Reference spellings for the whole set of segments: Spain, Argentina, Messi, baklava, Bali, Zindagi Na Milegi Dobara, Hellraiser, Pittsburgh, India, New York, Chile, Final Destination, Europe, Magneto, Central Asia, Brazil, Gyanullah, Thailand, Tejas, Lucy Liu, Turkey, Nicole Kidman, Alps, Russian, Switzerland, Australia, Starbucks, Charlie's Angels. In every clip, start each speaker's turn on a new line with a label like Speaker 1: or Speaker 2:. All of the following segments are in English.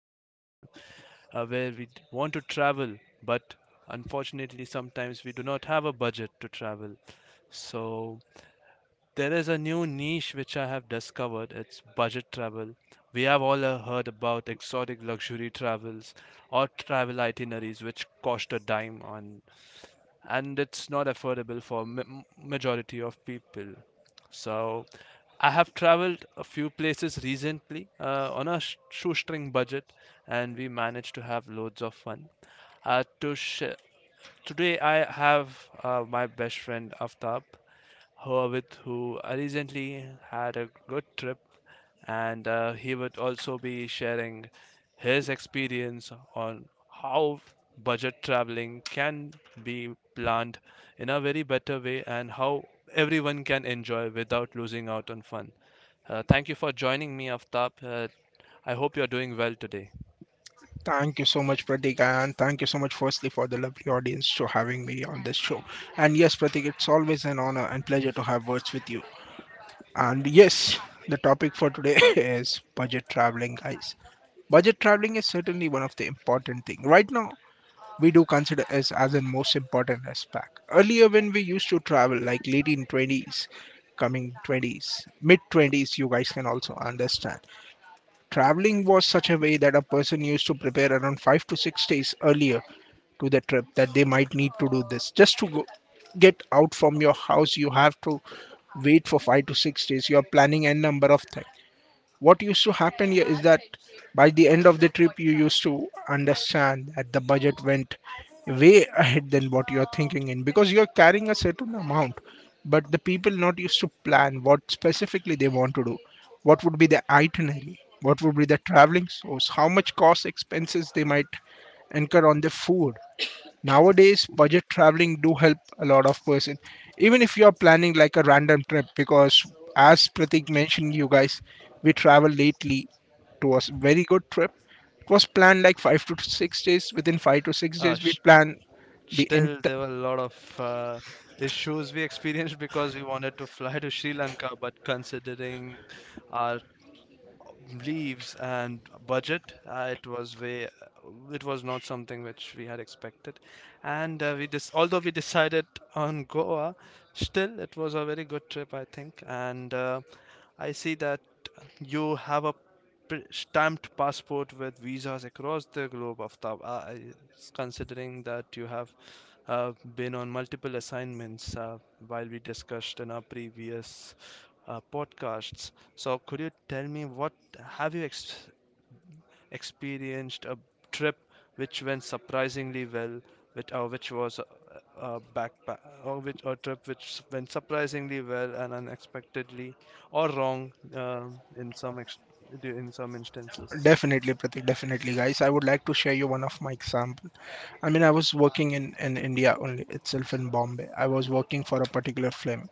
Speaker 1: destination where want to travel, but unfortunately, sometimes we do not have a budget to travel. So, there is a new niche which I have discovered. It's budget travel. We have all heard about exotic luxury travels or travel itineraries which cost a dime on, and it's not affordable for majority of people. So I have traveled a few places recently on a shoestring budget, and we managed to have loads of fun. Uh, to sh- Today I have my best friend Aftab, who I recently had a good trip, and he would also be sharing his experience on how budget traveling can be planned in a very better way and how everyone can enjoy without losing out on fun. Thank you for joining me, Aftab. I hope you're doing well today.
Speaker 2: Thank you so much, Pratik, and thank you so much, firstly, for the lovely audience for having me on this show. And yes, Pratik, it's always an honor and pleasure to have words with you. And yes, the topic for today is budget traveling, guys. Budget traveling is certainly one of the important thing right now, we do consider as the most important aspect. Earlier, when we used to travel, like late in 20s, coming 20s, mid 20s, you guys can also understand. Traveling was such a way that a person used to prepare around 5 to 6 days earlier to the trip that they might need to do this. Just to go, get out from your house, you have to wait for 5 to 6 days. You are planning a number of things, what used to happen here is that by the end of the trip you used to understand that the budget went way ahead than what you're thinking in, because you're carrying a certain amount, but the people not used to plan what specifically they want to do, what would be the itinerary, what would be the traveling source, how much cost expenses they might incur on the food. Nowadays, budget traveling do help a lot of person, even if you are planning like a random trip, because as Pratik mentioned, you guys, we traveled lately to a very good trip. It was planned like 5 to 6 days. Within five to six
Speaker 1: Uh,
Speaker 2: days we plan the
Speaker 1: Still,
Speaker 2: ent-
Speaker 1: there were a lot of issues we experienced because we wanted to fly to Sri Lanka, but considering our leaves and budget, it was not something which we had expected. And we dis although we decided on Goa, still it was a very good trip, I think. And I see that you have a stamped passport with visas across the globe after considering that you have been on multiple assignments while we discussed in our previous podcasts. So could you tell me what have you experienced a trip which went surprisingly well, with, which was a backpack, which, a trip which went surprisingly well and unexpectedly or wrong in some in some instances.
Speaker 2: definitely, Pratik, definitely, guys, I would like to share you one of my example. I mean, I was working in India only itself, in Bombay. I was working for a particular film,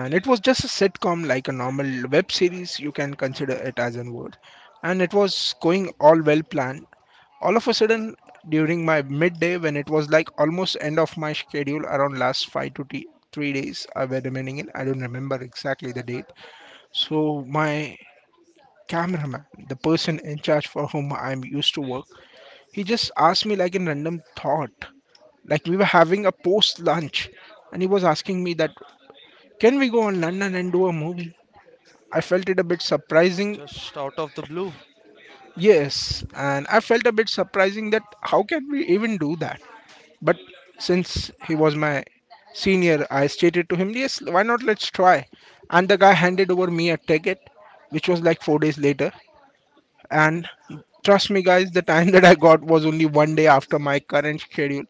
Speaker 2: and it was just a sitcom like a normal web series, you can consider it as in word. And it was going all well planned. All of a sudden, during my midday, when it was like almost end of my schedule, around last 5 to 3 days I were remaining in, I don't remember exactly the date. So my cameraman, the person in charge for whom I'm used to work, he just asked me like a random thought, like we were having a post lunch, and he was asking me that, can we go on London and do a movie? I felt it a bit surprising.
Speaker 1: Just out of the blue.
Speaker 2: Yes, and I felt a bit surprising that how can we even do that? But since he was my senior, I stated to him, yes, why not, let's try. And the guy handed over me a ticket, which was like 4 days later. And trust me, guys, the time that I got was only one day after my current schedule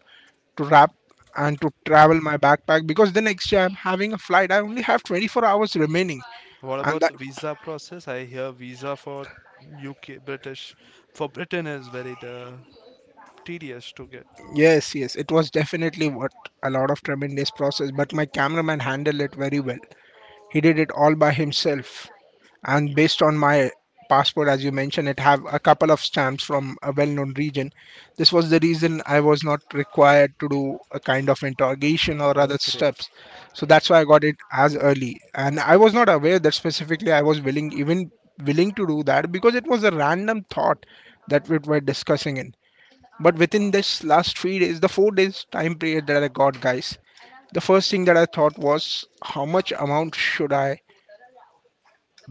Speaker 2: to wrap and to travel my backpack, because the next day I'm having a flight. I only have 24 hours remaining,
Speaker 1: What
Speaker 2: and
Speaker 1: about
Speaker 2: that
Speaker 1: the visa process? I hear visa for UK, British, for Britain is very tedious to get.
Speaker 2: yes, yes, it was definitely what a lot of tremendous process, but my cameraman handled it very well. He did it all by himself. And based on my passport, as you mentioned, it have a couple of stamps from a well-known region. This was the reason I was not required to do a kind of interrogation or
Speaker 1: Oh,
Speaker 2: other
Speaker 1: great.
Speaker 2: steps. So that's why I got it as early. And I was not aware that specifically I was willing, even willing to do that, because it was a random thought that we were discussing in. But within this last 3 days, the 4 days time period that I got, guys, the first thing that I thought was how much amount should I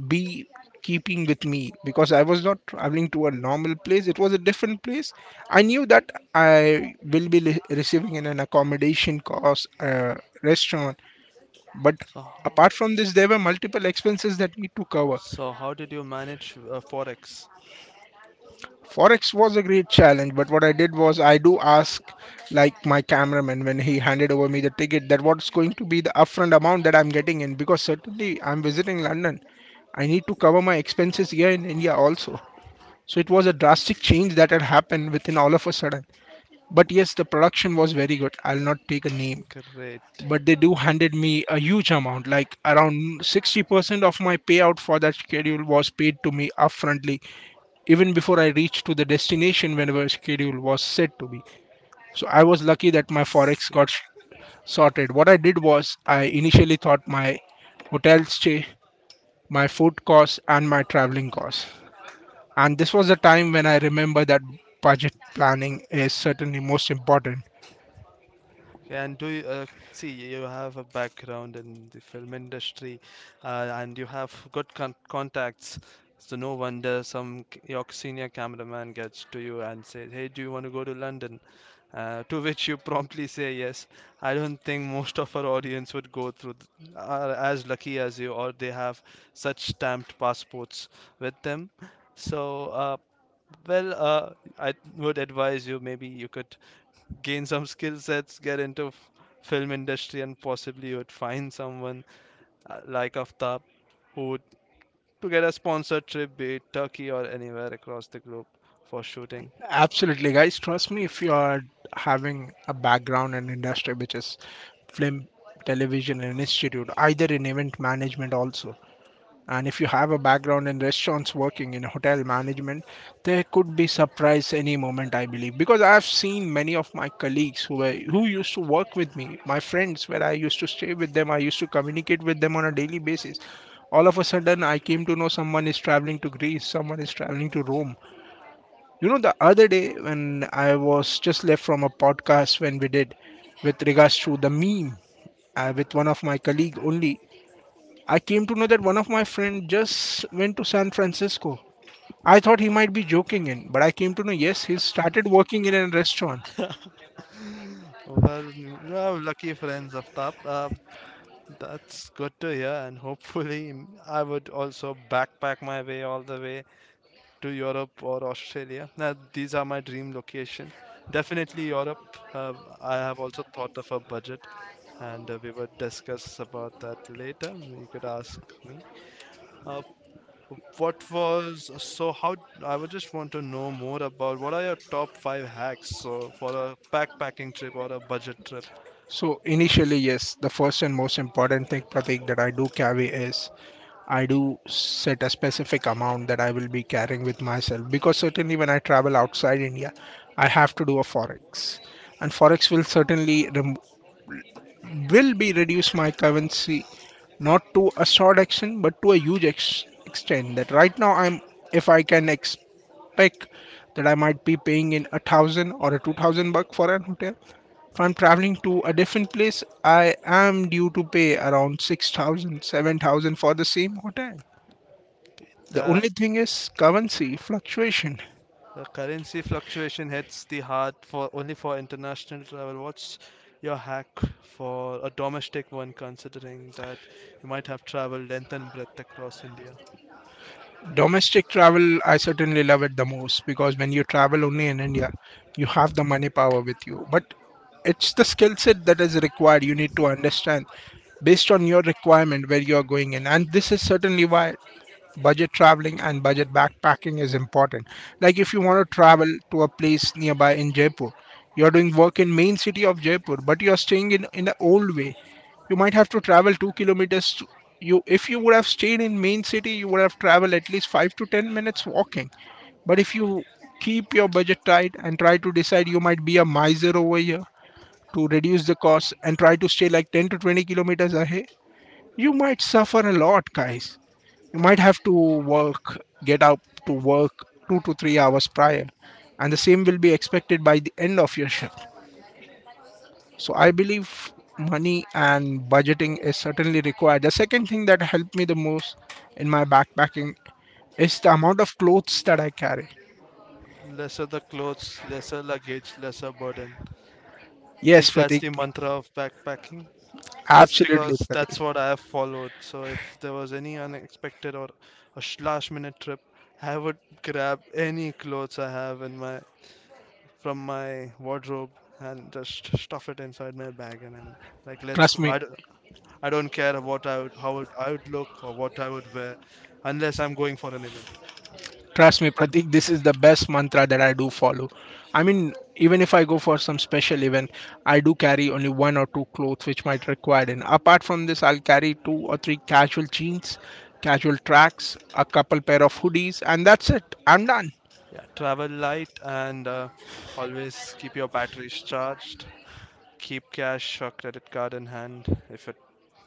Speaker 2: be keeping with me, because I was not traveling to a normal place, it was a different place. I knew that I will be receiving in an accommodation cost, restaurant, but
Speaker 1: So,
Speaker 2: apart from this, there were multiple expenses that need to cover.
Speaker 1: so how did you manage Forex?
Speaker 2: Forex was a great challenge, but what I did was I do ask, like my cameraman when he handed over me the ticket, that what's going to be the upfront amount that I'm getting in, because certainly I'm visiting London. I need to cover my expenses here in India also. So it was a drastic change that had happened within all of a sudden. But yes, the production was very good. I'll not take a name,
Speaker 1: Great.
Speaker 2: but they do handed me a huge amount like around 60% of my payout for that schedule was paid to me upfrontly, even before I reached to the destination, whenever schedule was set to be. So I was lucky that my forex
Speaker 1: S-
Speaker 2: got sorted. What I did was I initially thought my hotel stay, my food costs, and my traveling costs, and this was the time when I remember that budget planning is certainly most important.
Speaker 1: Okay, and do you see you have a background in the film industry, and you have good contacts, so no wonder some your senior cameraman gets to you and says, "Hey, do you want to go to London?" To which you promptly say yes. I don't think most of our audience would are as lucky as you, or they have such stamped passports with them. So, uh, well, uh, I would advise you maybe you could gain some skill sets, get into film industry, and possibly you would find someone like Aftab who would to get a sponsored trip, be it Turkey or anywhere across the globe for shooting.
Speaker 2: Absolutely, guys. Trust me, if you are having a background in industry which is film, television, and institute, either in event management also, and if you have a background in restaurants working in hotel management, there could be surprise any moment, I believe, because I have seen many of my colleagues who used to work with me, my friends, where I used to stay with them, I used to communicate with them on a daily basis. All of a sudden I came to know someone is traveling to Greece, someone is traveling to Rome. You know, the other day when I was just left from a podcast when we did with regards to the meme, with one of my colleague only, I came to know that one of my friend just went to San Francisco. I thought he might be joking in, but I came to know yes, he started working in a restaurant.
Speaker 1: Well, you have lucky friends, Aftab. That's good to hear, and hopefully, I would also backpack my way all the way to Europe or Australia. Now, these are my dream location. Definitely Europe. Uh, I have also thought of a budget, and we will discuss about that later. You could ask me. Uh, what was so? How I would just want to know more about what are your top five hacks so for a backpacking trip or a budget trip.
Speaker 2: So initially, yes, the first and most important thing, Pratik, that I do carry is I do set a specific amount that I will be carrying with myself, because certainly when I travel outside India, I have to do a forex, and forex will certainly will be reduce my currency not to a short action but to a huge extent. That right now I'm, if I can expect that I might be paying in a thousand or a 2,000 buck for an hotel. If I'm traveling to a different place, I am due to pay around 6,000, 7,000 for the same hotel, the
Speaker 1: That
Speaker 2: only thing is currency fluctuation.
Speaker 1: the currency fluctuation hits the heart for only for international travel. What's your hack for a domestic one, considering that you might have traveled length and breadth across India?
Speaker 2: Domestic travel, I certainly love it the most, because when you travel only in India, you have the money power with you. But it's the skill set that is required. You need to understand based on your requirement where you are going in. And this is certainly why budget traveling and budget backpacking is important. Like if you want to travel to a place nearby in Jaipur, you're doing work in main city of Jaipur, but you're staying in the old way. You might have to travel 2 kilometers. To, you if you would have stayed in main city, you would have traveled at least 5 to 10 minutes walking. But if you keep your budget tight and try to decide, you might be a miser over here to reduce the cost and try to stay like 10 to 20 kilometers ahead. You might suffer a lot, guys. You might have to work, get up to work 2 to 3 hours prior, and the same will be expected by the end of your shift. So I believe money and budgeting is certainly required. The second thing that helped me the most in my backpacking is the amount of clothes that I carry.
Speaker 1: Lesser the clothes, lesser luggage, lesser burden. I
Speaker 2: Yes,
Speaker 1: think that's
Speaker 2: Pratik.
Speaker 1: the mantra of backpacking. Just
Speaker 2: Absolutely,
Speaker 1: because that's
Speaker 2: Pratik.
Speaker 1: what I have followed. So if there was any unexpected or a last minute trip, I would grab any clothes I have in my from my wardrobe and just stuff it inside my bag and I'm like, let's
Speaker 2: Trust
Speaker 1: go.
Speaker 2: me,
Speaker 1: I don't care what I would, how would, I would look or what I would wear, unless I'm going for an event.
Speaker 2: Trust me, Pratik, this is the best mantra that I do follow. I mean, even if I go for some special event, I do carry only one or two clothes which might require. And apart from this, I'll carry two or three casual jeans, casual tracks, a couple pair of hoodies, and that's it. I'm done.
Speaker 1: Yeah, travel light and always keep your batteries charged. Keep cash or credit card in hand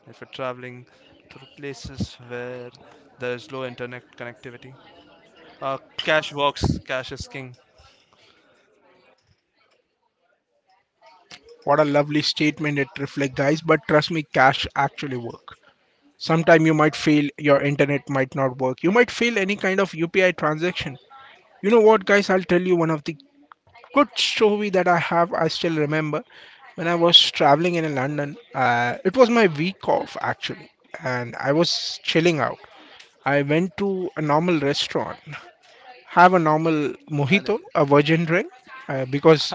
Speaker 1: if you're traveling through places where there is low internet connectivity. Uh, Cash works, cash is king.
Speaker 2: What a lovely statement it reflects, guys. But trust me, cash actually work. Sometime you might fail, your internet might not work. You might fail any kind of UPI transaction. You know what, guys? I'll tell you one of the good story that I have, I still remember when I was traveling in London. It was my week off actually, and I was chilling out. I went to a normal restaurant, have a normal
Speaker 1: And
Speaker 2: mojito, a virgin drink, because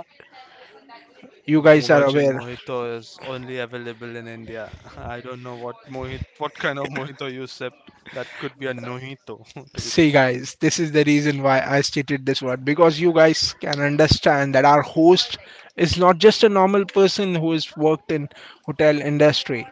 Speaker 2: you guys are
Speaker 1: Mubajin
Speaker 2: aware.
Speaker 1: Mojito is only available in India. I don't know what mojito, what kind of mojito you sipped. That could be a nojito, to be
Speaker 2: See,
Speaker 1: precise.
Speaker 2: guys, this is the reason why I stated this word, because you guys can understand that our host is not just a normal person who has worked in hotel industry.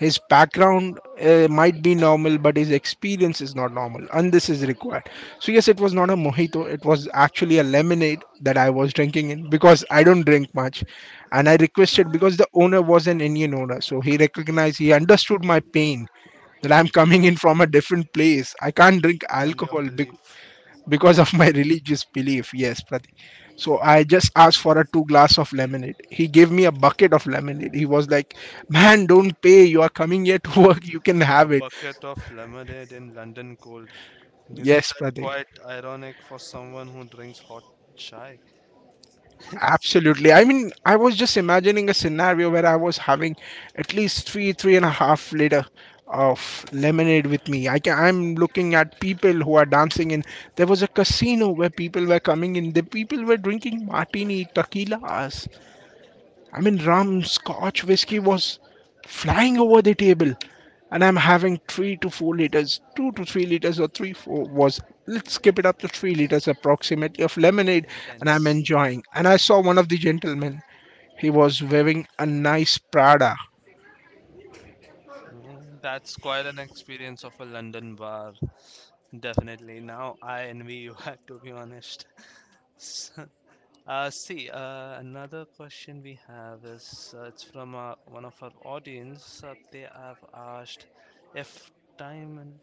Speaker 2: His background might be normal, but his experience is not normal, and this is required. So, yes, it was not a mojito, it was actually a lemonade that I was drinking in because I don't drink much. And I requested because the owner was an Indian owner, so he recognized, he understood my pain that I'm coming in from a different place. I can't drink
Speaker 1: And your
Speaker 2: alcohol
Speaker 1: belief,
Speaker 2: because of my religious belief, yes Pratik. So I just asked for a two glass of lemonade. He gave me a bucket of lemonade. He was like, man, don't pay, you are coming here to work, you can
Speaker 1: a
Speaker 2: have it.
Speaker 1: bucket of lemonade in London cold. Isn't
Speaker 2: Yes,
Speaker 1: that
Speaker 2: Pratik.
Speaker 1: quite ironic for someone who drinks hot chai?
Speaker 2: Absolutely, I mean I was just imagining a scenario where I was having at least three and a half liter of lemonade with me. I can, I'm looking at people who are dancing in, there was a casino where people were coming in, the people were drinking martini tequilas. I mean, rum scotch whiskey was flying over the table, and I'm having 3 to 4 liters, 2 to 3 liters, or 3 4 was. Let's skip it up to 3 liters approximately of lemonade, and I'm
Speaker 1: Intense.
Speaker 2: enjoying. And I saw one of the gentlemen. He was wearing a nice Prada.
Speaker 1: That's quite an experience of a London bar. Definitely. Now I envy you, to be honest. S- See, another question we have is it's from one of our audience. They have asked if time and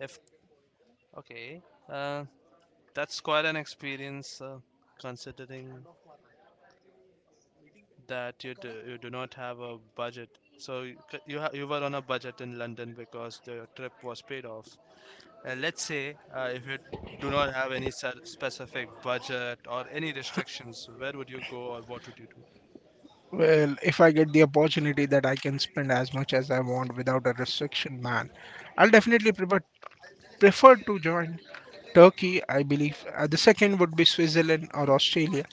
Speaker 1: if okay, uh, that's quite an experience considering that you do not have a budget. So you c- you, ha- you were on a budget in London because the trip was paid off. And let's say if you do not have any specific budget or any restrictions, where would you go or what would you do?
Speaker 2: Well, if I get the opportunity that I can spend as much as I want without a restriction, man, I'll definitely prefer to join Turkey. I believe the second would be Switzerland or Australia.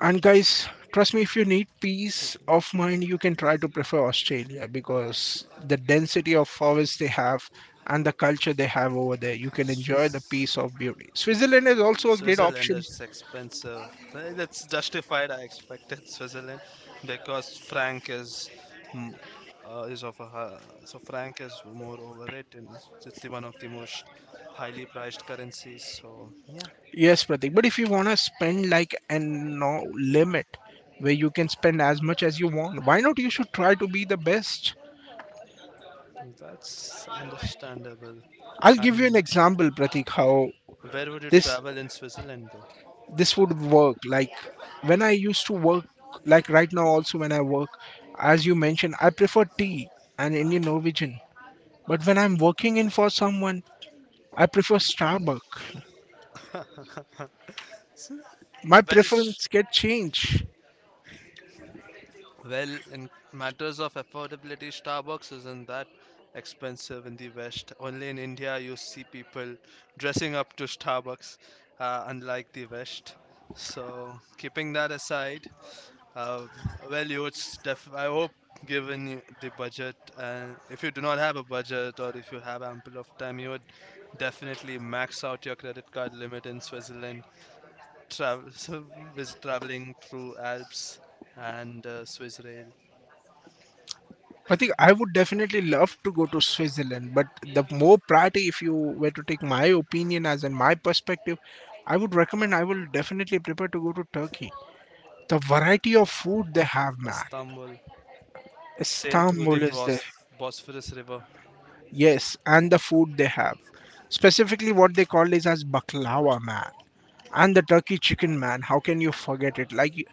Speaker 2: And guys, trust me, if you need
Speaker 1: So,
Speaker 2: peace of mind, you can try to prefer Australia because the density of forests they have and the culture they have over there, you can
Speaker 1: so
Speaker 2: enjoy the peace
Speaker 1: s-
Speaker 2: of beauty. Switzerland is also a great
Speaker 1: Switzerland
Speaker 2: option.
Speaker 1: is expensive. Well, that's justified. I expected Switzerland because franc is mm, is of a hi- so franc is more overrated. It's the one of the most highly priced currencies. So yeah,
Speaker 2: Yes, Pratik. But if you want to spend like an no limit, where you can spend as much as you want, why not you should try to be the best?
Speaker 1: that's understandable.
Speaker 2: I'll give you an
Speaker 1: And
Speaker 2: example, Pratik, how
Speaker 1: where would you
Speaker 2: this
Speaker 1: travel in Switzerland though?
Speaker 2: this would work. Like, when I used to work, like right now also, when I work, as you mentioned, I prefer tea and Indian Norwegian, but when I'm working in for someone, I prefer Starbucks.
Speaker 1: So,
Speaker 2: My
Speaker 1: well, sh-
Speaker 2: preference get changed.
Speaker 1: Well, in matters of affordability, Starbucks isn't that expensive in the West. Only in India you see people dressing up to Starbucks, unlike the West. So, keeping that aside, uh, well, you would I hope, given you the budget, and if you do not have a budget or if you have ample of time, you would definitely max out your credit card limit in Switzerland. Travel, so, visit traveling through Alps and Swiss
Speaker 2: I think I would definitely love to go to Switzerland, but the more priority, if you were to take my opinion as in my perspective, I would recommend, I will definitely prefer to go to Turkey. The variety of food they have, man.
Speaker 1: Istanbul, sail through the
Speaker 2: Istanbul is there.
Speaker 1: Bosphorus River.
Speaker 2: Yes, and the food they have. Specifically, what they call is as baklava, man. And the turkey chicken, man. How can you forget it? Like, you-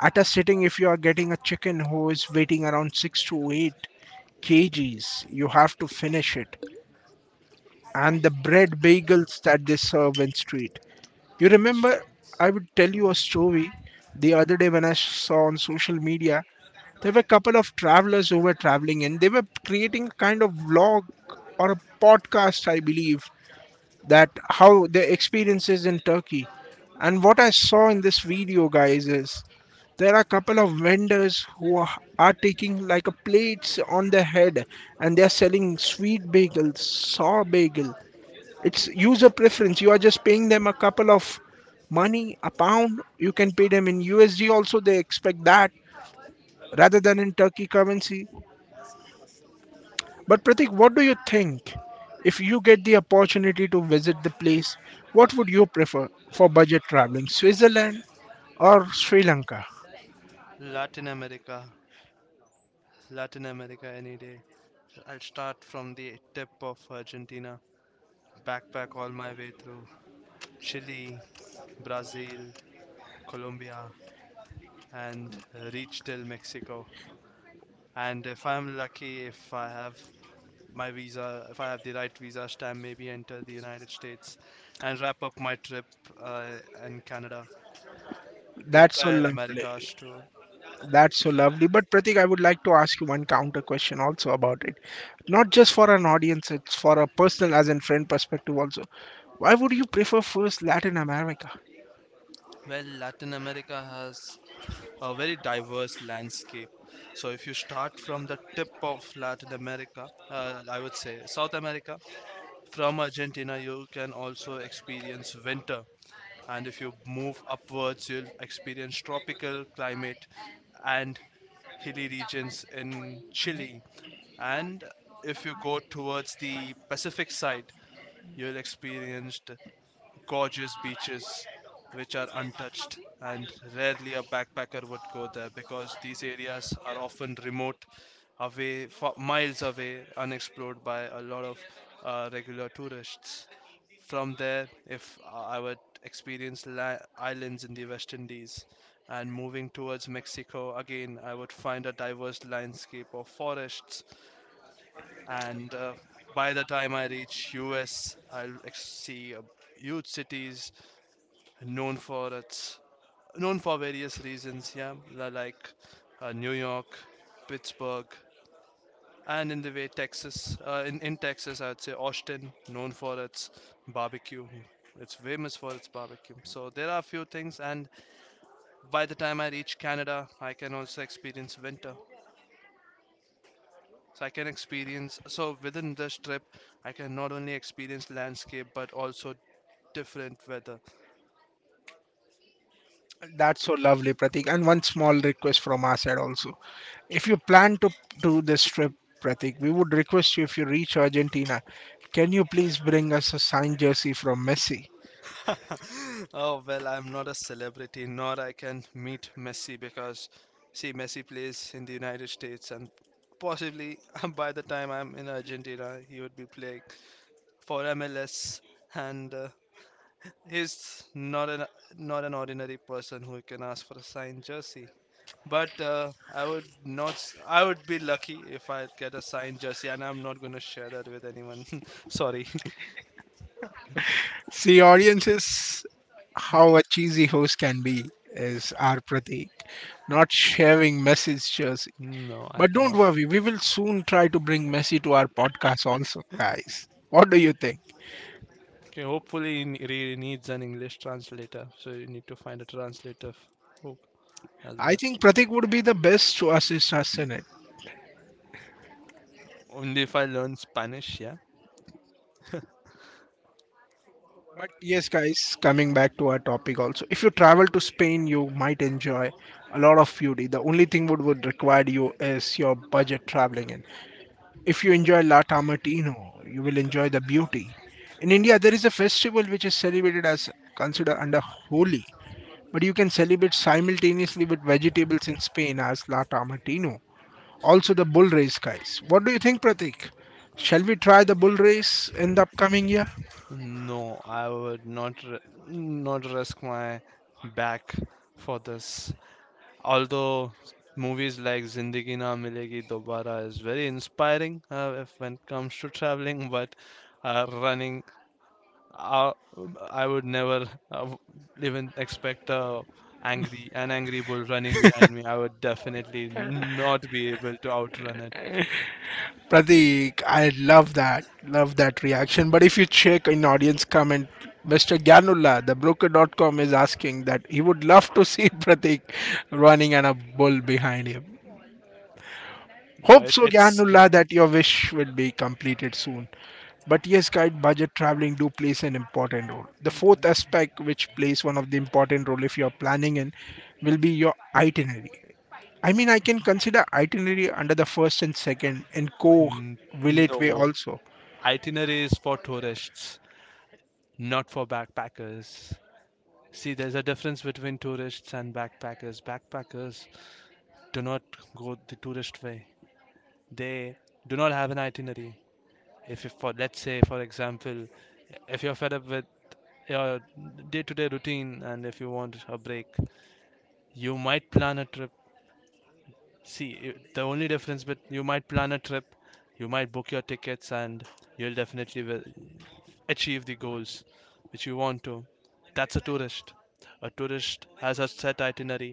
Speaker 2: at a sitting, if you are getting a chicken who is weighing around 6 to 8 kgs, you have to finish it. And the bread bagels that they serve in street. You
Speaker 1: The
Speaker 2: remember,
Speaker 1: streets.
Speaker 2: I would tell you a
Speaker 1: Oh.
Speaker 2: story the other day when I saw on social media. There were a couple of travelers who were traveling and they were creating a kind of vlog or a podcast, I believe, that how their experiences in Turkey. And what I saw in this video, guys, is there are a couple of vendors who are taking like a plates on their head and they are selling sweet bagel, sour bagel. It's user preference. You are just paying them a couple of money, a pound. You can pay them in USD also. They expect that rather than in Turkey currency. But Pratik, what do you think? If you get the opportunity to visit the place, what would you prefer for budget traveling? Switzerland or Sri Lanka?
Speaker 1: Latin America, Latin America any day. I'll start from the tip of Argentina, backpack all my way through Chile, Brazil, Colombia, and reach till Mexico. And if I'm lucky, if I have my visa, if I have the right visa stamp, maybe enter the United States and wrap up my trip uh, in Canada. The
Speaker 2: That's so
Speaker 1: entire
Speaker 2: lovely.
Speaker 1: Americas tour.
Speaker 2: That's so lovely. But Pratik, I would like to ask you one counter question also about it. Not just for an audience, it's for a personal as in friend perspective also. Why would you prefer first Latin America?
Speaker 1: Well, Latin America has a very diverse landscape. So, if you start from the tip of Latin America, I would say South America, from Argentina, you can also experience winter. And if you move upwards, you'll experience tropical climate and hilly regions in Chile. And if you go towards the Pacific side, you'll experience gorgeous beaches which are untouched and rarely a backpacker would go there because these areas are often remote away miles away unexplored by a lot of regular tourists. From there if I would experience islands in the West Indies, and moving towards Mexico again I would find a diverse landscape of forests, and by the time I reach US I'll see huge cities known for its known for various reasons. Yeah, like New York, Pittsburgh, and in the way Texas. In Texas, I'd say Austin, known for its barbecue. It's famous for its barbecue. So there are a few things, and by the time I reach Canada, I can also experience winter. So I can experience. So within this trip, I can not only experience landscape but also different weather.
Speaker 2: That's so lovely, Pratik. And one small request from our side also. If you plan to do this trip, Pratik, we would request you, if you reach Argentina, can you please bring us a signed jersey from Messi?
Speaker 1: Oh well, I'm not a celebrity, nor I can meet Messi because, see, Messi plays in the United States, and possibly by the time I'm in Argentina, he would be playing for MLS, and he's not an not an ordinary person who can ask for a signed jersey. But I would be lucky if I get a signed jersey, and I'm not going to share that with anyone. Sorry,
Speaker 2: See, audiences, how a cheesy host can be is our Pratik, not sharing Messi's jersey.
Speaker 1: no, I
Speaker 2: But don't
Speaker 1: cannot.
Speaker 2: worry, we will soon try to bring Messi to our podcast also, guys. What do you think?
Speaker 1: Okay, hopefully it really needs an English translator, so you need to find a translator. Hope as
Speaker 2: I
Speaker 1: well.
Speaker 2: think Pratik would be the best to assist us in it.
Speaker 1: Only if I learn Spanish, yeah.
Speaker 2: But yes, guys, coming back to our topic also, if you travel to Spain, you might enjoy a lot of foodie. The only thing would require you is your budget traveling in. If you enjoy La Tamartino, you will enjoy the beauty. In India, there is a festival which is celebrated as considered under Holi, but you can celebrate simultaneously with vegetables in Spain as La Tamartino. Also, the bull race, guys. What do you think, Pratik? Shall we try the bull race in the upcoming year?
Speaker 1: No, I would not not risk my back for this. Although movies like Zindagi Na Milegi Dobara is very inspiring if when it comes to traveling, but uh, running I, I would never even expect a angry an angry bull running behind me. I would definitely not be able to outrun it.
Speaker 2: Pratik, I love that. Love that reaction. But if you check in audience comment, Mr. Gyanullah, the broker.com is asking that he would love to see Pratik running and a bull behind him.
Speaker 1: No,
Speaker 2: Hope
Speaker 1: it,
Speaker 2: so,
Speaker 1: It's scary.
Speaker 2: Gyanullah, that your wish will be completed soon. But yes, guide budget traveling do plays an important role. The fourth aspect, which plays one of the important role if you are planning in, will be your itinerary. I mean, I can consider itinerary under the first and second and
Speaker 1: N-
Speaker 2: co-relate way
Speaker 1: No,
Speaker 2: also.
Speaker 1: itinerary is for tourists, not for backpackers. See, there's a difference between tourists and backpackers. Backpackers do not go the tourist way. They do not have an itinerary. If you, for let's say, for example, if you're fed up with your day-to-day routine and if you want a break, you might plan a trip. See I- the only difference but You might plan a trip, you might book your tickets, and you'll definitely will achieve the goals which you want to. That's a tourist. A tourist has a set itinerary,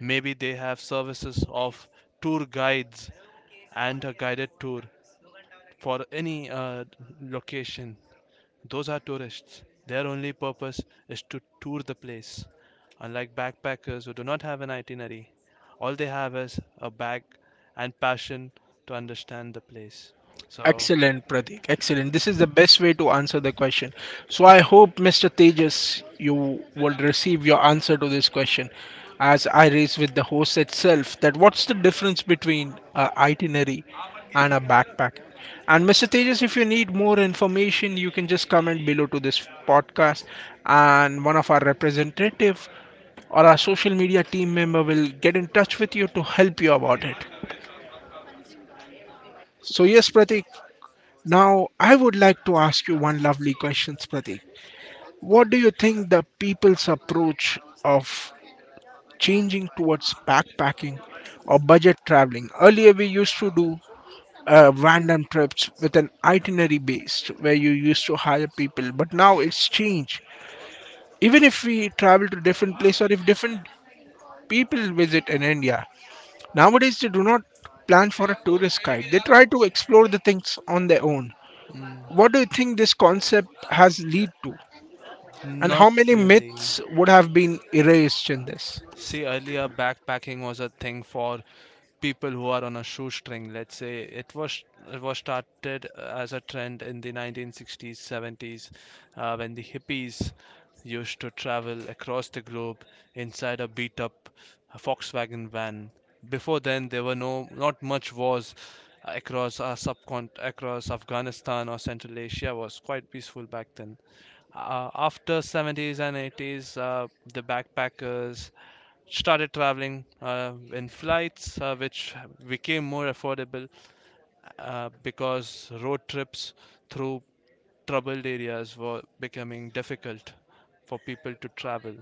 Speaker 1: maybe they have services of tour guides and a guided tour for any location. Those are tourists. Their only purpose is to tour the place. Unlike backpackers who do not have an itinerary, all they have is a bag and passion to understand the place. So,
Speaker 2: Excellent, Pratik. Excellent. This is the best way to answer the question. So I hope, Mr. Tejas, you will receive your answer to this question, as I raised with the host itself that what's the difference between a itinerary and a backpack. And Mr. Tejas, if you need more information, you can just comment below to this podcast, and one of our representative or our social media team member will get in touch with you to help you about it. So yes, Pratik, now, I would like to ask you one lovely question, Pratik. What do you think the people's approach of changing towards backpacking or budget traveling? Earlier, we used to do random trips with an itinerary based where you used to hire people, but now it's changed. Even if we travel to different place or if different people visit in India, nowadays they do not plan for a tourist guide. They try to explore the things on their own.
Speaker 1: mm,
Speaker 2: What do you think this concept has lead to? And
Speaker 1: not
Speaker 2: how many
Speaker 1: really.
Speaker 2: myths would have been erased in this?
Speaker 1: See, earlier backpacking was a thing for people who are on a shoestring. Let's say it was started as a trend in the 1960s, 70s, when the hippies used to travel across the globe inside a beat-up Volkswagen van. Before then, there were not much wars across our subcon across Afghanistan or Central Asia was quite peaceful back then. After 70s and 80s, the backpackers started traveling in flights, which became more affordable because road trips through troubled areas were becoming difficult for people to travel.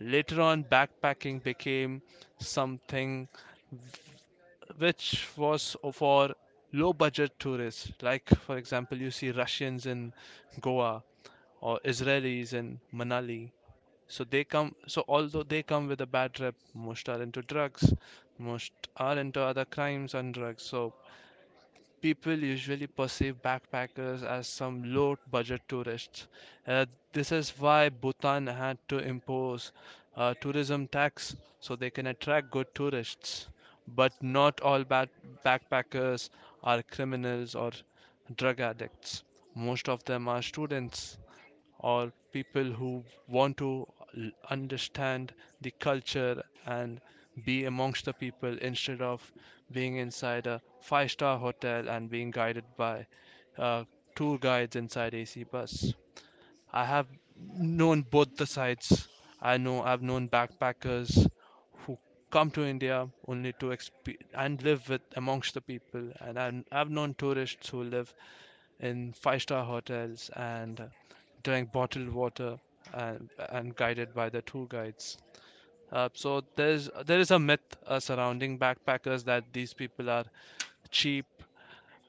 Speaker 1: Later on, backpacking became something which was for low budget tourists. Like, for example, you see Russians in Goa or Israelis in Manali. So they come, so although they come with a bad rep, most are into drugs, most are into other crimes and drugs. So people usually perceive backpackers as some low budget tourists. Uh, this is why Bhutan had to impose a tourism tax so they can attract good tourists. But not all bad backpackers are criminals or drug addicts. Most of them are students or people who want to understand the culture and be amongst the people instead of being inside a five-star hotel and being guided by uh, tour guides inside AC bus. I have known both the sides. I've known backpackers who come to India only to exp- and live with amongst the people, and I've known tourists who live in five-star hotels and drink bottled water and, guided by the tour guides. So there is a myth surrounding backpackers that these people are cheap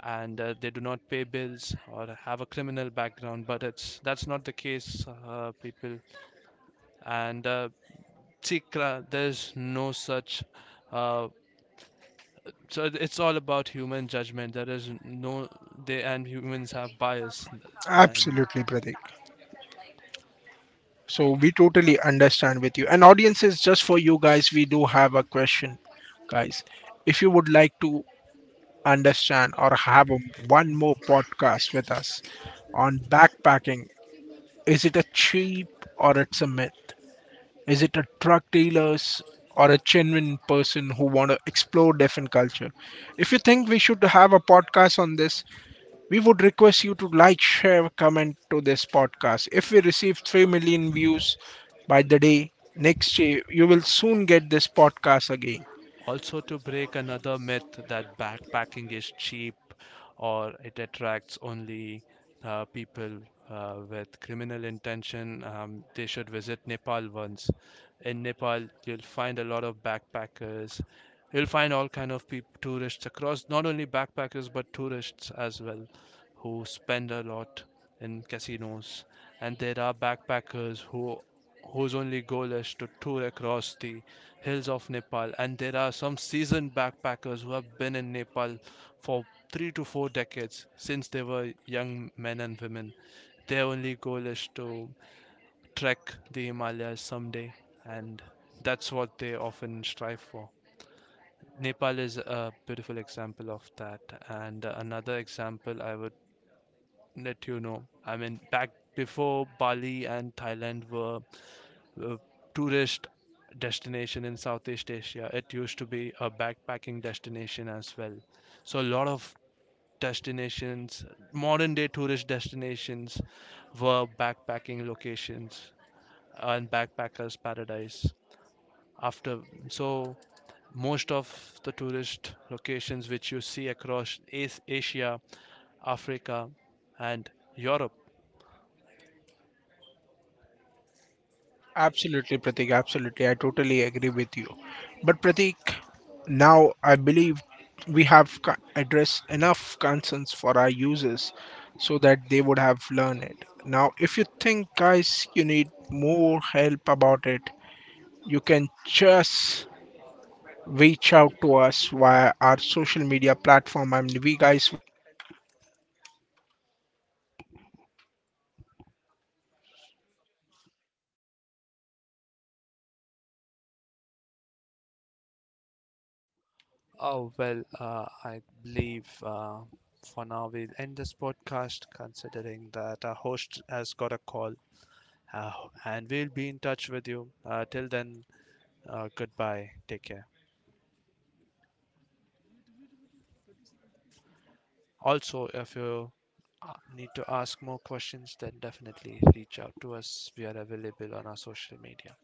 Speaker 1: and they do not pay bills or have a criminal background, but it's that's not the case. People and see cra- There's no such uh, it's all about human judgment. There is no— they— and humans have bias and.
Speaker 2: Absolutely, Pratik. So we totally understand with you. And audiences, just for you guys, we do have a question, guys. If you would like to understand or have a, one more podcast with us on backpacking, is it a cheap or it's a myth? Is it a truck dealers or a genuine person who want to explore different culture? If you think we should have a podcast on this, we would request you to like, share, comment to this podcast. If we receive 3 million views by the day next year, you will soon get this podcast again.
Speaker 1: Also, to break another myth that backpacking is cheap or it attracts only people with criminal intention, they should visit Nepal once. In Nepal, you'll find a lot of backpackers. You'll find all kind of peop tourists across, not only backpackers but tourists as well, who spend a lot in casinos. And there are backpackers whose only goal is to tour across the hills of Nepal. And there are some seasoned backpackers who have been in Nepal for 3 to 4 decades since they were young men and women. Their only goal is to trek the Himalayas someday, and that's what they often strive for. Nepal is a beautiful example of that, and another example I would let you know. I mean, back before Bali and Thailand were uh, tourist destination in Southeast Asia. It used to be a backpacking destination as well. So a lot of destinations, modern day tourist destinations, were backpacking locations and backpackers paradise. After so Most of the tourist locations which you see across Asia, Africa, and Europe. Oh, well, I believe for now we'll end this podcast considering that our host has got a call, uh, and we'll be in touch with you. Till then, goodbye. Take care. Also, if you need to ask more questions, then definitely reach out to us. We are available on our social media.